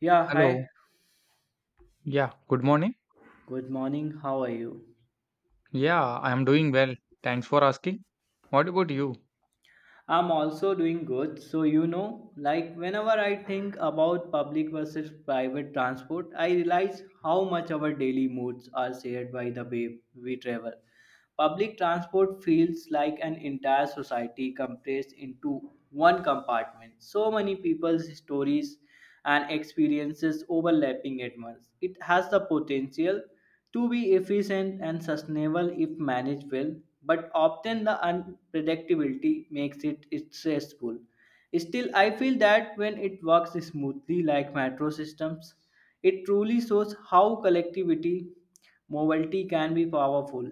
Yeah, hi. Hello. Yeah, good morning. Good morning. How are you? Yeah, I am doing well. Thanks for asking. What about you? I'm also doing good. So, you know, like whenever I think about public versus private transport, I realize how much our daily moods are shared by the way we travel. Public transport feels like an entire society compressed into one compartment, so many people's stories and experiences overlapping at once. It has the potential to be efficient and sustainable if managed well, but often the unpredictability makes it stressful. Still, I feel that when it works smoothly like metro systems, it truly shows how collectivity mobility can be powerful.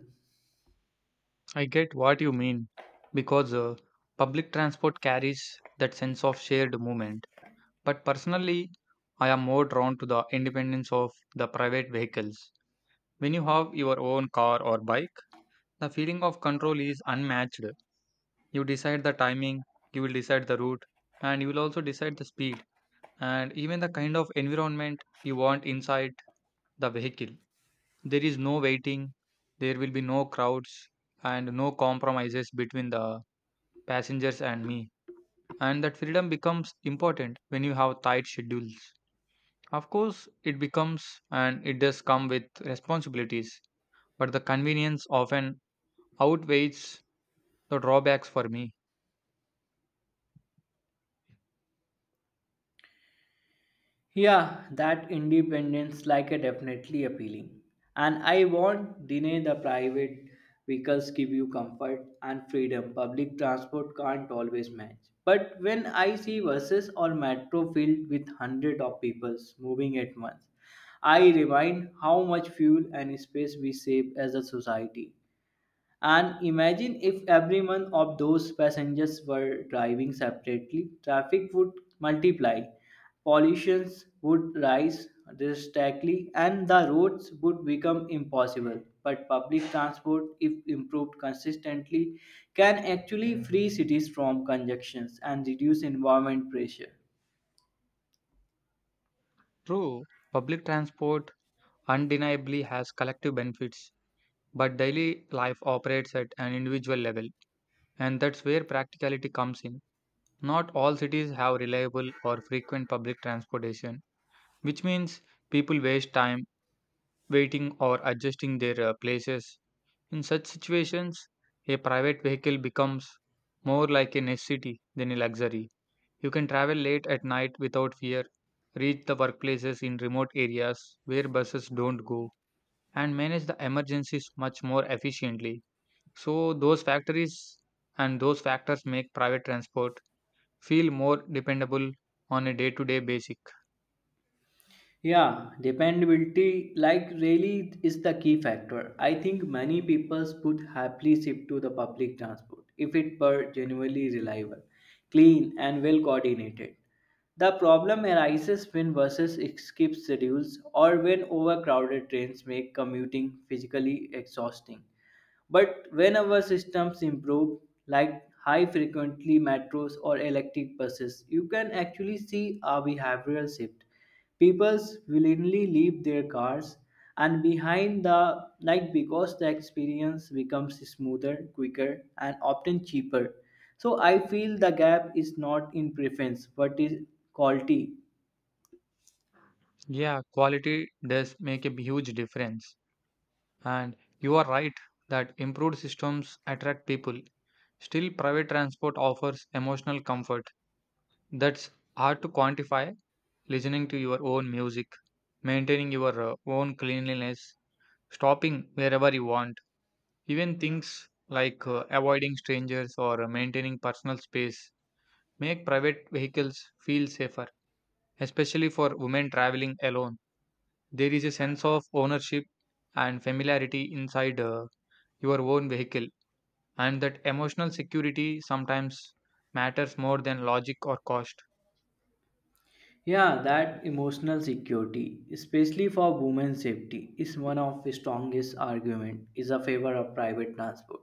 I get what you mean because public transport carries that sense of shared movement. But personally, I am more drawn to the independence of the private vehicles. When you have your own car or bike, the feeling of control is unmatched. You decide the timing, you will decide the route, and you will also decide the speed and even the kind of environment you want inside the vehicle. There is no waiting, there will be no crowds, and no compromises between the passengers and me. And that freedom becomes important when you have tight schedules. Of course, it becomes and it does come with responsibilities, but the convenience often outweighs the drawbacks for me. Yeah, that independence like a definitely appealing. And I won't deny the private vehicles give you comfort and freedom public transport can't always match. But when I see buses or metro filled with hundred of people moving at once, I remind how much fuel and space we save as a society. And imagine if every one of those passengers were driving separately, traffic would multiply, pollutions would rise drastically, and the roads would become impossible. But public transport, if improved consistently, can actually free cities from congestions and reduce environment pressure. True, public transport undeniably has collective benefits, but daily life operates at an individual level, and that's where practicality comes in. Not all cities have reliable or frequent public transportation, which means people waste time waiting or adjusting their places. In such situations, a private vehicle becomes more like a necessity than a luxury. You can travel late at night without fear, reach the workplaces in remote areas where buses don't go, and manage the emergencies much more efficiently. So, those factories and those factors make private transport feel more dependable on a day to day basic. Yeah, dependability, like, really is the key factor. I think many people would happily shift to the public transport if it were genuinely reliable, clean, and well coordinated. The problem arises when buses skip schedules or when overcrowded trains make commuting physically exhausting. But when our systems improve, like high frequently metros or electric buses, you can actually see a behavioral shift. People willingly leave their cars and behind the like because the experience becomes smoother, quicker, and often cheaper. So I feel the gap is not in preference but is quality. Yeah, quality does make a huge difference. And you are right that improved systems attract people. Still, private transport offers emotional comfort that's hard to quantify. Listening to your own music, maintaining your own cleanliness, stopping wherever you want, even things like avoiding strangers or maintaining personal space make private vehicles feel safer, especially for women traveling alone. There is a sense of ownership and familiarity inside your own vehicle, and that emotional security sometimes matters more than logic or cost. Yeah, that emotional security, especially for women's safety, is one of the strongest argument is a favor of private transport.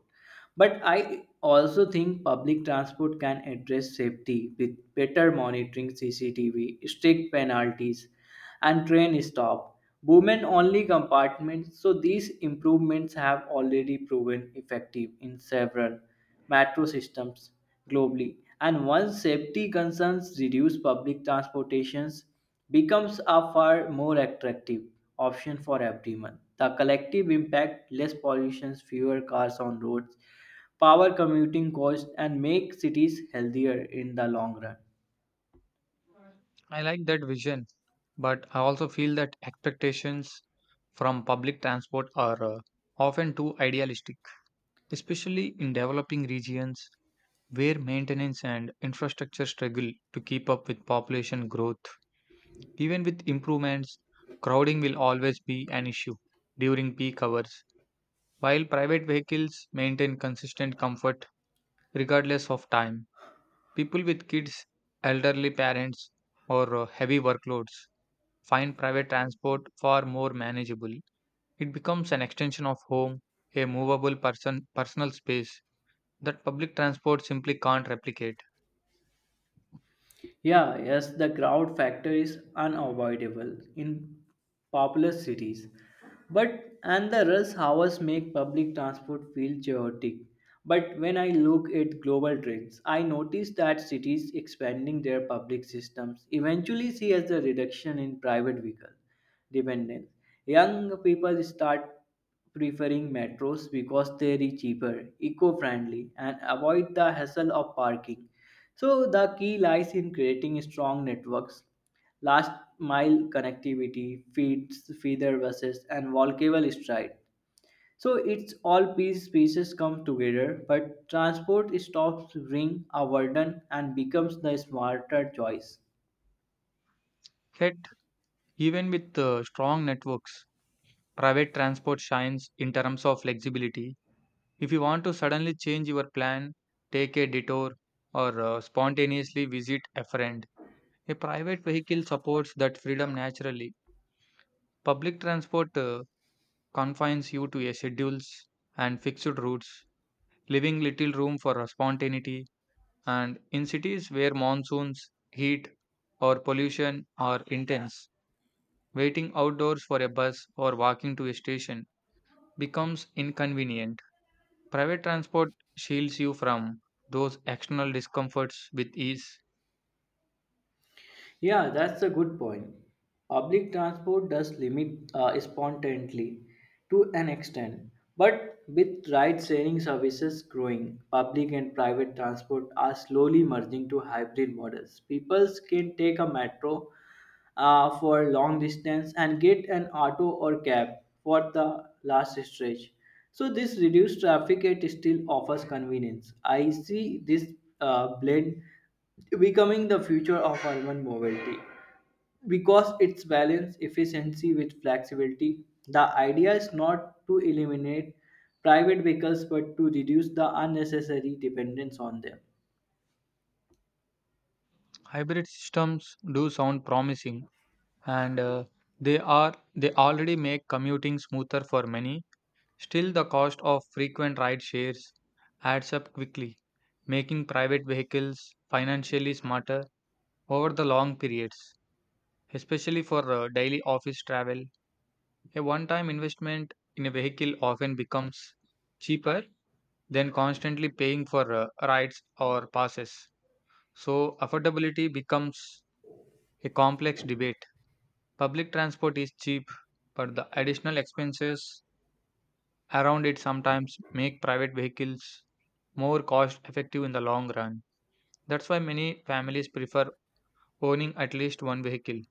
But I also think public transport can address safety with better monitoring CCTV, strict penalties, and train stop. Women only compartments, so these improvements have already proven effective in several metro systems globally. And once safety concerns reduce public transportations, becomes a far more attractive option for everyone. The collective impact less pollution, fewer cars on roads, power commuting costs, and make cities healthier in the long run. I like that vision, but I also feel that expectations from public transport are often too idealistic, especially in developing regions where maintenance and infrastructure struggle to keep up with population growth. Even with improvements, crowding will always be an issue during peak hours. While private vehicles maintain consistent comfort regardless of time, people with kids, elderly parents, or heavy workloads find private transport far more manageable. It becomes an extension of home, a movable personal space that public transport simply can't replicate. Yeah, yes, the crowd factor is unavoidable in populous cities. But and the rush hours make public transport feel chaotic. But when I look at global trends, I notice that cities expanding their public systems eventually see as a reduction in private vehicles dependence. Young people start preferring metros because they're cheaper, eco-friendly, and avoid the hassle of parking. So the key lies in creating strong networks, last mile connectivity, feeds, feeder buses, and walkable stride. So it's all pieces come together, but transport stops being a burden and becomes the smarter choice. Yet, even with strong networks, private transport shines in terms of flexibility. If you want to suddenly change your plan, take a detour, or spontaneously visit a friend, a private vehicle supports that freedom naturally. Public transport confines you to a schedules and fixed routes, leaving little room for spontaneity. And in cities where monsoons, heat, or pollution are intense, waiting outdoors for a bus or walking to a station becomes inconvenient. Private transport shields you from those external discomforts with ease. Yeah, that's a good point. Public transport does limit spontaneity to an extent, but with ride-sharing services growing, public and private transport are slowly merging to hybrid models. People can take a metro for long distance and get an auto or cab for the last stretch. So this reduced traffic yet still offers convenience. I see this blend becoming the future of urban mobility because it's balance efficiency with flexibility. The idea is not to eliminate private vehicles but to reduce the unnecessary dependence on them. Hybrid systems do sound promising and they already make commuting smoother for many. Still, the cost of frequent ride shares adds up quickly, making private vehicles financially smarter over the long periods, especially for daily office travel. A one-time investment in a vehicle often becomes cheaper then constantly paying for rides or passes. So, affordability becomes a complex debate. Public transport is cheap, but the additional expenses around it sometimes make private vehicles more cost effective in the long run. That's why many families prefer owning at least one vehicle.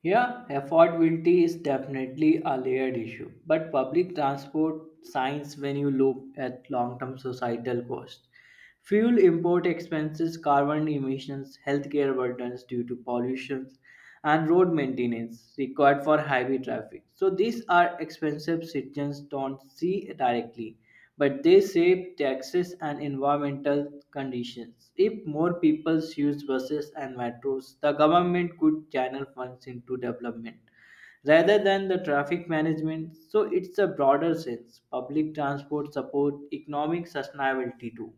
Yeah, affordability is definitely a layered issue, but public transport signs when you look at long term societal costs: fuel import expenses, carbon emissions, healthcare burdens due to pollution, and road maintenance required for heavy traffic. So these are expensive citizens don't see directly, but they save taxes and environmental conditions. If more people used buses and metros, the government could channel funds into development rather than the traffic management. So it's a broader sense. Public transport support economic sustainability too.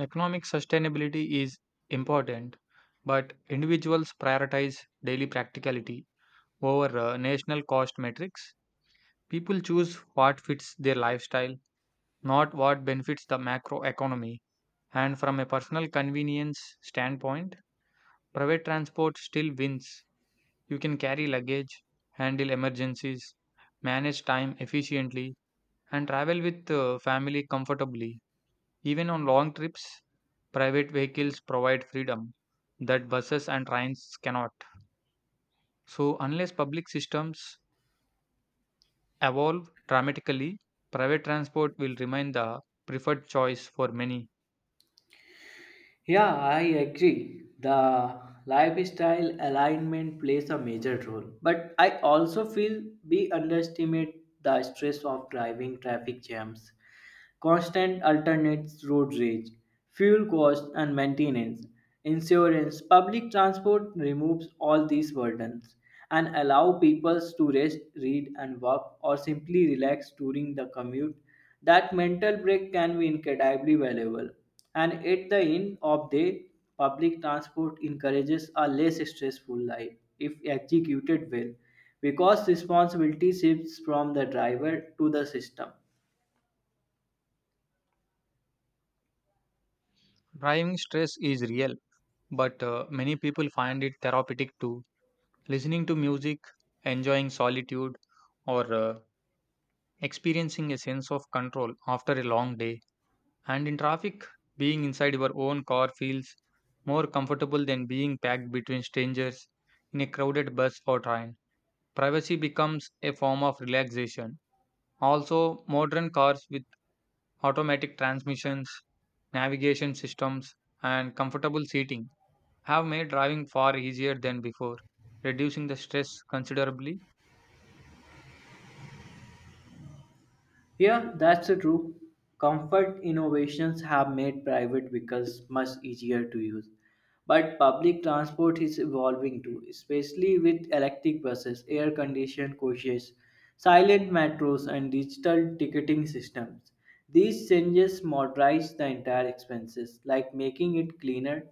Economic sustainability is important, but individuals prioritize daily practicality over national cost metrics. People choose what fits their lifestyle, not what benefits the macro economy. And from a personal convenience standpoint, private transport still wins. You can carry luggage, handle emergencies, manage time efficiently, and travel with family comfortably. Even on long trips, private vehicles provide freedom that buses and trains cannot. So, unless public systems evolve dramatically, private transport will remain the preferred choice for many. Yeah, I agree. The lifestyle alignment plays a major role. But I also feel we underestimate the stress of driving traffic jams constant alternates road rage, fuel costs and maintenance, insurance, public transport removes all these burdens and allow people to rest, read and work or simply relax during the commute. That mental break can be incredibly valuable. And at the end of day, public transport encourages a less stressful life if executed well because responsibility shifts from the driver to the system. Driving stress is real, but many people find it therapeutic too. Listening to music, enjoying solitude, or experiencing a sense of control after a long day. And in traffic, being inside your own car feels more comfortable than being packed between strangers in a crowded bus or train. Privacy becomes a form of relaxation. Also, modern cars with automatic transmissions, navigation systems, and comfortable seating have made driving far easier than before, reducing the stress considerably. Yeah, that's true. Comfort innovations have made private vehicles much easier to use. But public transport is evolving too, especially with electric buses, air conditioned coaches, silent metros, and digital ticketing systems. These changes modernize the entire expenses, like making it cleaner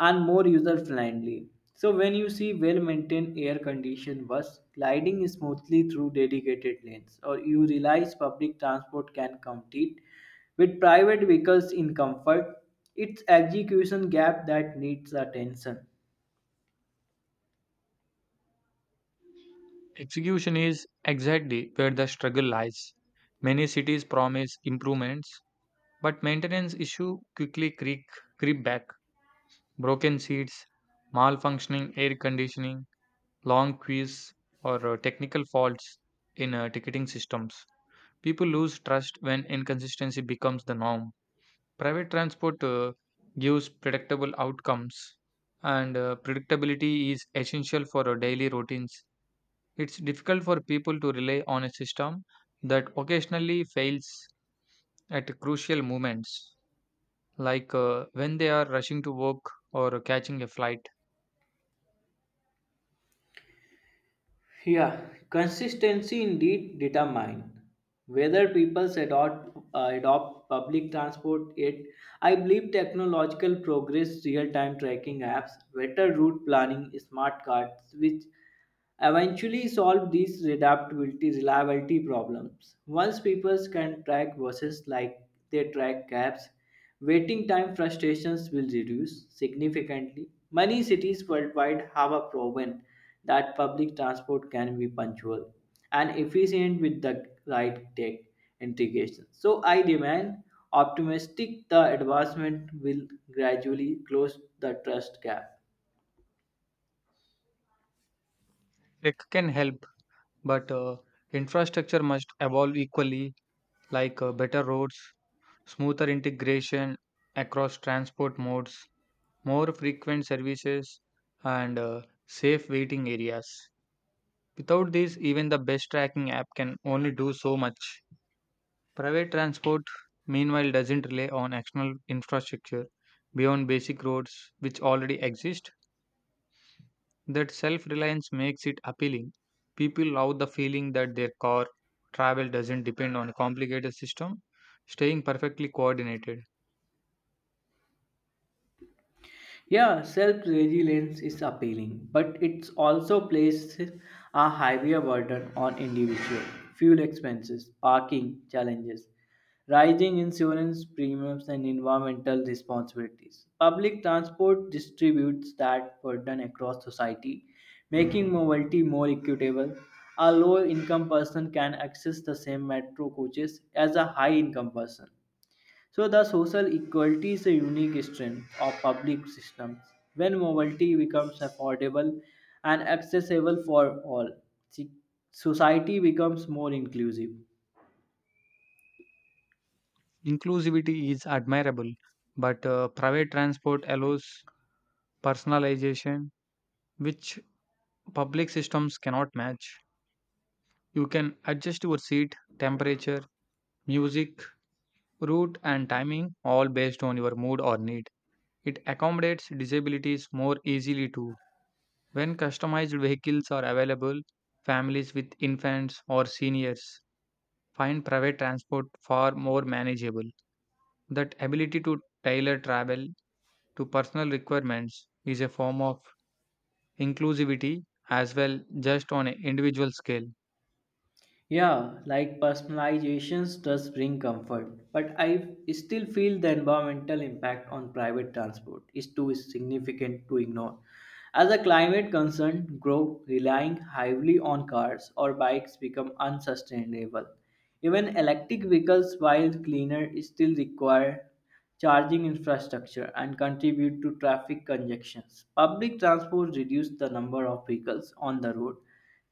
and more user friendly. So, when you see well maintained air conditioned bus gliding smoothly through dedicated lanes, or you realize public transport can compete with private vehicles in comfort, it's execution gap that needs attention. Execution is exactly where the struggle lies. Many cities promise improvements, but maintenance issues quickly creep back. Broken seats, malfunctioning air conditioning, long queues, or technical faults in ticketing systems. People lose trust when inconsistency becomes the norm. Private transport gives predictable outcomes, and predictability is essential for our daily routines. It's difficult for people to rely on a system that occasionally fails at crucial moments, like when they are rushing to work or catching a flight. Yeah, consistency indeed determine whether people adopt public transport. Yet, I believe technological progress, real-time tracking apps, better route planning, smart cards, which eventually solve these adaptability reliability problems. Once people can track buses like they track cabs, waiting time frustrations will reduce significantly. Many cities worldwide have a proven that public transport can be punctual and efficient with the right tech integration. So I remain optimistic the advancement will gradually close the trust gap. Tech can help, but infrastructure must evolve equally, like better roads, smoother integration across transport modes, more frequent services, and safe waiting areas. Without these, even the best tracking app can only do so much. Private transport, meanwhile, doesn't rely on external infrastructure beyond basic roads which already exist. That self reliance makes it appealing. People love the feeling that their car travel doesn't depend on a complicated system, staying perfectly coordinated. Yeah, self resilience is appealing, but it also places a heavier burden on individual: fuel expenses, parking challenges, rising insurance premiums, and environmental responsibilities. Public transport distributes that burden across society, making mobility more equitable. A low income person can access the same metro coaches as a high income person so the social equality is a unique strength of public systems. When mobility becomes affordable and accessible for all, si- society becomes more inclusive. Inclusivity is admirable, but private transport allows personalization which public systems cannot match. You can adjust your seat, temperature, music, route, and timing all based on your mood or need. It accommodates disabilities more easily too. When customized vehicles are available, families with infants or seniors find private transport far more manageable. That ability to tailor travel to personal requirements is a form of inclusivity as well, just on an individual scale. Yeah, like personalizations does bring comfort, but I still feel the environmental impact on private transport is too significant to ignore. As the climate concerns grow, relying heavily on cars or bikes become unsustainable. Even electric vehicles, while cleaner, still require charging infrastructure and contribute to traffic congestions. Public transport reduces the number of vehicles on the road,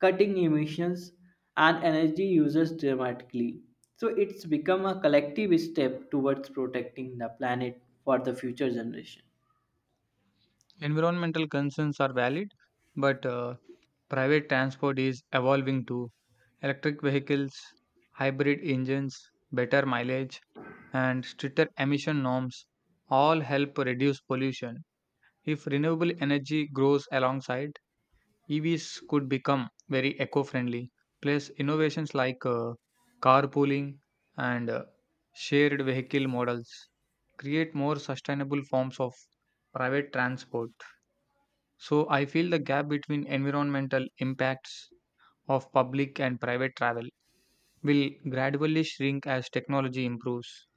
cutting emissions and energy uses dramatically. So it's become a collective step towards protecting the planet for the future generation. Environmental concerns are valid, but private transport is evolving too. Electric vehicles, hybrid engines, better mileage, and stricter emission norms all help reduce pollution. If renewable energy grows alongside, EVs could become very eco-friendly. Plus, innovations like carpooling and shared vehicle models create more sustainable forms of private transport. So, I feel the gap between environmental impacts of public and private travel will gradually shrink as technology improves.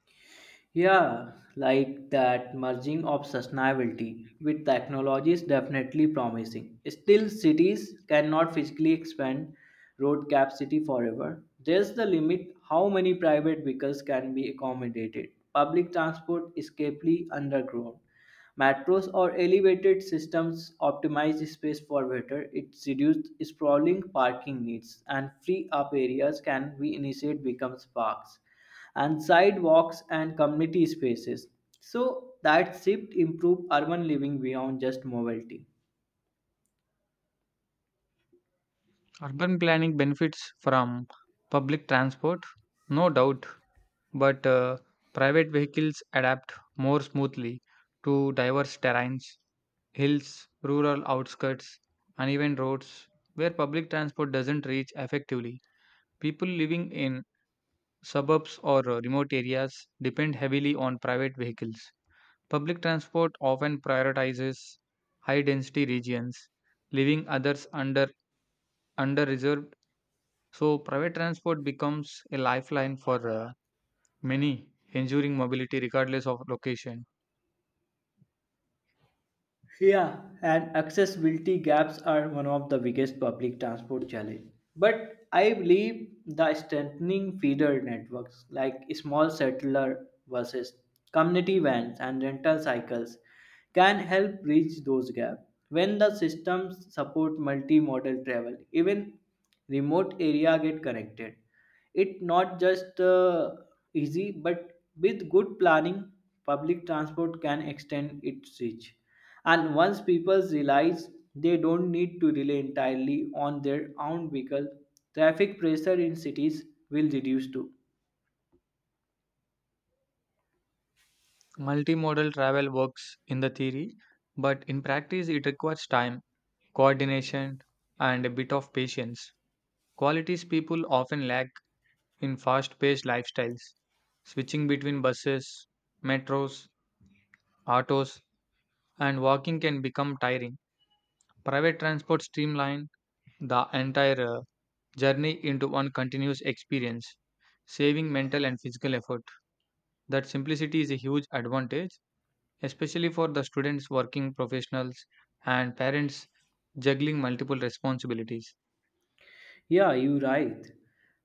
Yeah, like that merging of sustainability with technology is definitely promising. Still, cities cannot physically expand road capacity forever. There's the limit how many private vehicles can be accommodated. Public transport is capably underground. Metros or elevated systems optimize space for better. It reduces sprawling parking needs, and free up areas can be initiated becomes parks and sidewalks and community spaces. So that shift improve urban living beyond just mobility. Urban planning benefits from public transport, no doubt, but private vehicles adapt more smoothly to diverse terrains, hills, rural outskirts, uneven roads where public transport doesn't reach effectively. People living in suburbs or remote areas depend heavily on private vehicles. Public transport often prioritizes high density regions, leaving others under reserved. So private transport becomes a lifeline for many, ensuring mobility regardless of location. Yeah, and accessibility gaps are one of the biggest public transport challenge. But I believe the strengthening feeder networks like small settler buses, community vans, and rental cycles can help bridge those gaps. When the systems support multimodal travel, even remote area get connected. It not just easy, but with good planning, public transport can extend its reach. And once people realize they don't need to rely entirely on their own vehicle, traffic pressure in cities will reduce too. Multimodal travel works in the theory, but in practice, it requires time, coordination, and a bit of patience. Qualities people often lack in fast paced lifestyles. Switching between buses, metros, autos, and walking can become tiring. Private transport streamline the entire journey into one continuous experience, saving mental and physical effort. That simplicity is a huge advantage, especially for the students, working professionals, and parents juggling multiple responsibilities. Yeah, you're right.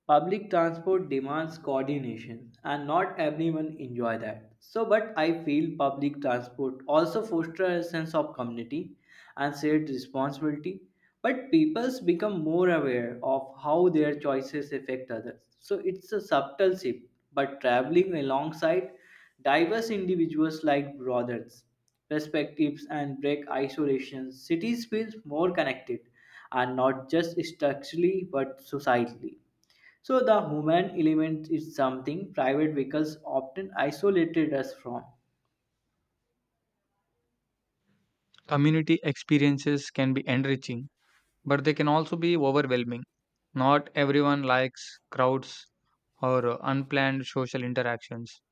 Public transport demands coordination and not everyone enjoy that. So but I feel public transport also fosters a sense of community and shared responsibility. But peoples become more aware of how their choices affect others. So it's a subtle shift, but traveling alongside diverse individuals like brothers perspectives and break isolation, cities feel more connected and not just structurally but societally. So the human element is something private vehicles often isolated us from. Community experiences can be enriching, but they can also be overwhelming. Not everyone likes crowds or unplanned social interactions,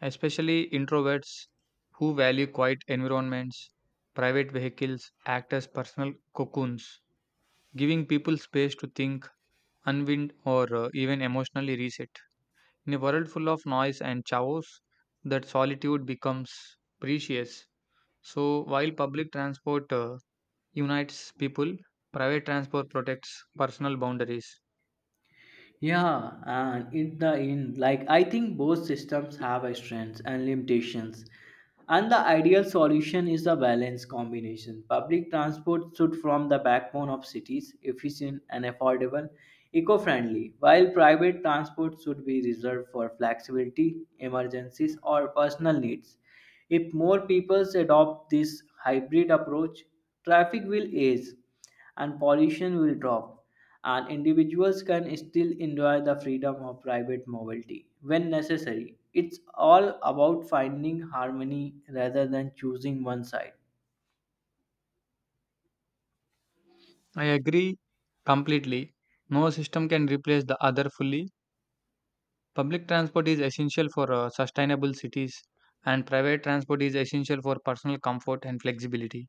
especially introverts who value quiet environments. Private vehicles act as personal cocoons, giving people space to think, unwind, or even emotionally reset. In a world full of noise and chaos, that solitude becomes precious. So, while public transport unites people, private transport protects personal boundaries. Yeah, and in the end, like I think both systems have a strengths and limitations. And the ideal solution is a balanced combination. Public transport should form the backbone of cities, efficient and affordable, eco-friendly, while private transport should be reserved for flexibility, emergencies, or personal needs. If more people adopt this hybrid approach, traffic will ease and pollution will drop and individuals can still enjoy the freedom of private mobility when necessary. It's all about finding harmony rather than choosing one side. I agree completely. No system can replace the other fully. Public transport is essential for sustainable cities, and private transport is essential for personal comfort and flexibility.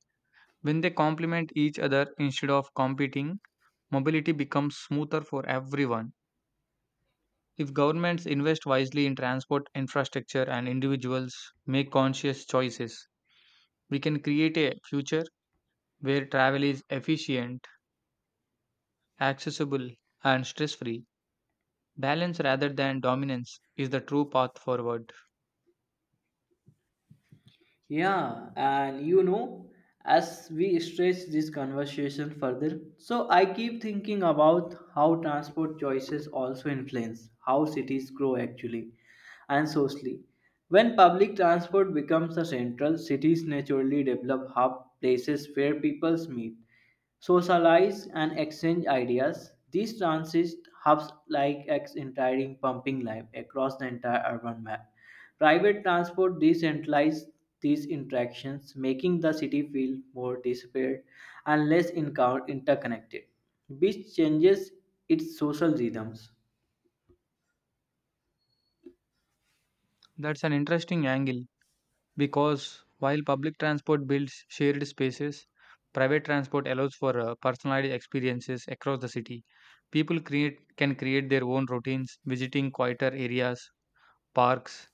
When they complement each other instead of competing, mobility becomes smoother for everyone. If governments invest wisely in transport infrastructure and individuals make conscious choices, we can create a future where travel is efficient, accessible, and stress free. Balance rather than dominance is the true path forward. Yeah, and you know, as we stretch this conversation further, so I keep thinking about how transport choices also influence how cities grow actually and socially. When public transport becomes a central, cities naturally develop hub places where peoples meet socialize and exchange ideas. These transit hubs like X entering pumping life across the entire urban map. Private transport decentralizes these interactions, making the city feel more disparate and less interconnected, which changes its social rhythms. That's an interesting angle because while public transport builds shared spaces, private transport allows for personalized experiences across the city. Can create their own routines, visiting quieter areas, parks,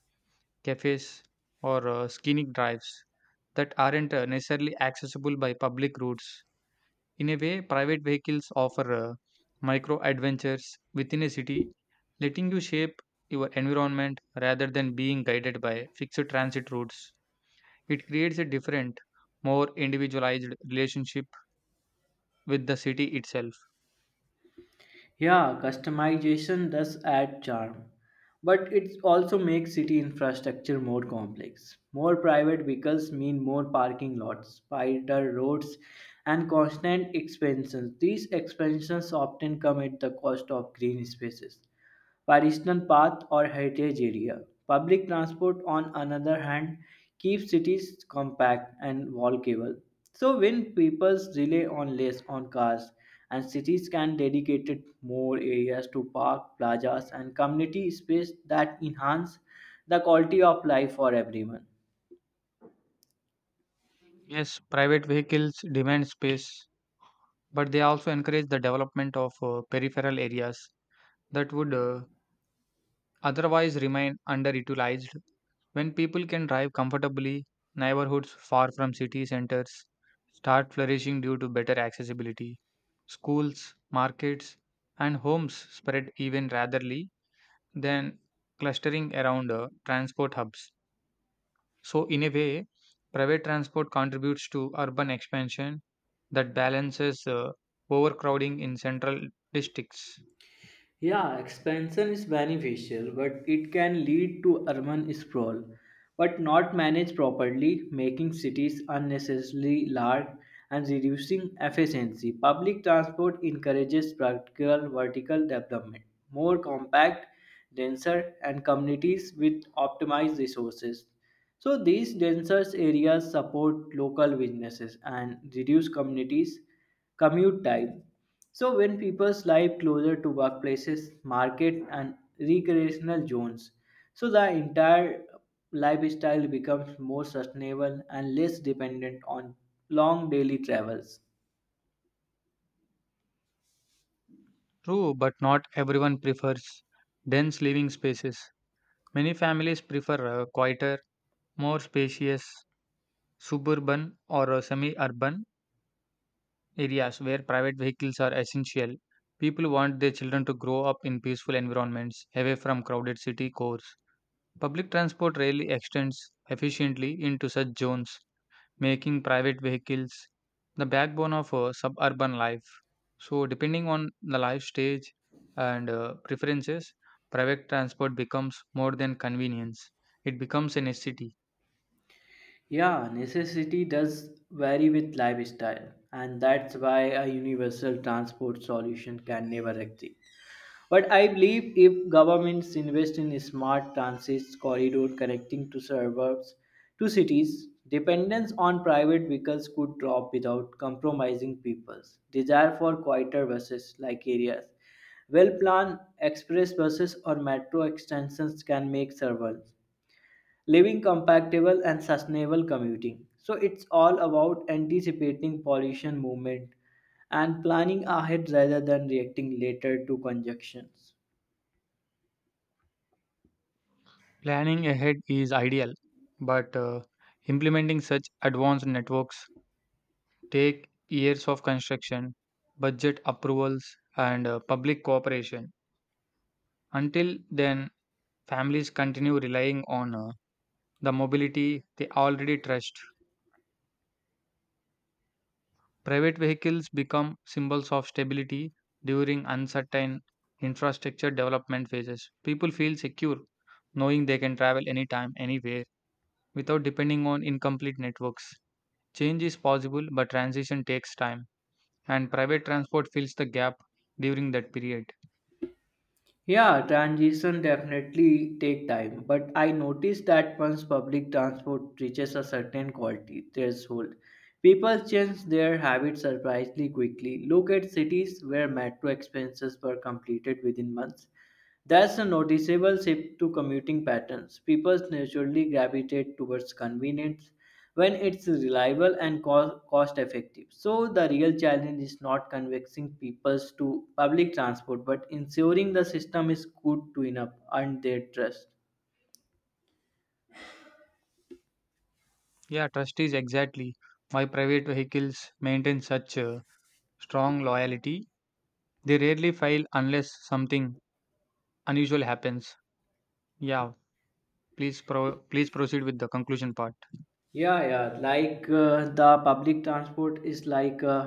cafes, or scenic drives that aren't necessarily accessible by public routes. In a way, private vehicles offer micro adventures within a city, letting you shape your environment rather than being guided by fixed transit routes. It creates a different, more individualized relationship with the city itself. Yeah, customization does add charm, but it also makes city infrastructure more complex. More private vehicles mean more parking lots, wider roads, and constant expansions. These expansions often come at the cost of green spaces, pedestrian path or heritage area. Public transport, on another hand, keeps cities compact and walkable. So when people rely on less on cars, and cities can dedicate more areas to park, plazas, and community space that enhance the quality of life for everyone. Yes, private vehicles demand space, but they also encourage the development of peripheral areas that would otherwise remain underutilized. When people can drive comfortably, neighborhoods far from city centers start flourishing due to better accessibility. Schools, markets, and homes spread even ratherly than clustering around transport hubs. So, in a way, private transport contributes to urban expansion that balances overcrowding in central districts. Yeah, expansion is beneficial, but it can lead to urban sprawl, but not managed properly, making cities unnecessarily large and reducing efficiency. Public transport encourages practical vertical development, more compact, denser, and communities with optimized resources. So these denser areas support local businesses and reduce communities commute time. So when people live closer to workplaces, market and recreational zones, so the entire lifestyle becomes more sustainable and less dependent on long daily travels. True, but not everyone prefers dense living spaces. Many families prefer a quieter, more spacious suburban or semi-urban areas where private vehicles are essential. People want their children to grow up in peaceful environments away from crowded city cores. Public transport rarely extends efficiently into such zones, making private vehicles the backbone of suburban life. So, depending on the life stage and preferences, private transport becomes more than convenience. It becomes a necessity. Yeah, necessity does vary with lifestyle and that's why a universal transport solution can never exist. But I believe if governments invest in smart transit corridor connecting to suburbs to cities, dependence on private vehicles could drop without compromising people's desire for quieter buses like areas. Well planned express buses or metro extensions can make suburbs living compatible and sustainable commuting. So it's all about anticipating pollution movement and planning ahead rather than reacting later to conjunctions. Planning ahead is ideal, but implementing such advanced networks take years of construction, budget approvals, and public cooperation. Until then, families continue relying on the mobility they already trust. Private vehicles become symbols of stability during uncertain infrastructure development phases. People feel secure knowing they can travel anytime, anywhere without depending on incomplete networks. Change is possible, but transition takes time, and private transport fills the gap during that period. Yeah, transition definitely take time, but I noticed that once public transport reaches a certain quality threshold, people change their habits surprisingly quickly. Look at cities where metro expenses were completed within months there's a noticeable shift to commuting patterns. People naturally gravitate towards convenience when it's reliable and cost effective. So, the real challenge is not convincing people to public transport but ensuring the system is good to enough and their trust. Yeah, trust is exactly why private vehicles maintain such a strong loyalty. They rarely fail unless something unusual happens. Yeah, please proceed with the conclusion part. Yeah, yeah. Like the public transport is like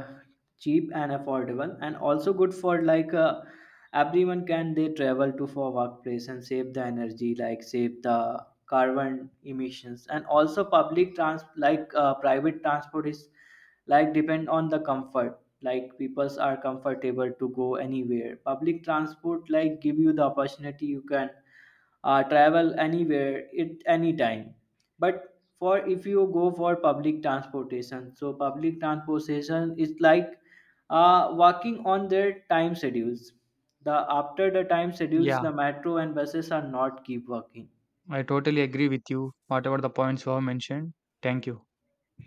cheap and affordable, and also good for like everyone can they travel to for workplace and save the energy, like save the carbon emissions, and also public trans like private transport is like depend on the comfort. Like peoples are comfortable to go anywhere. Public transport like give you the opportunity you can travel anywhere at any time but for if you go for public transportation so public transportation is like working on their time schedules the after the time schedules the Yeah, metro and buses are not keep working I totally agree with you. Whatever the points you have mentioned. Thank you.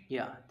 yeah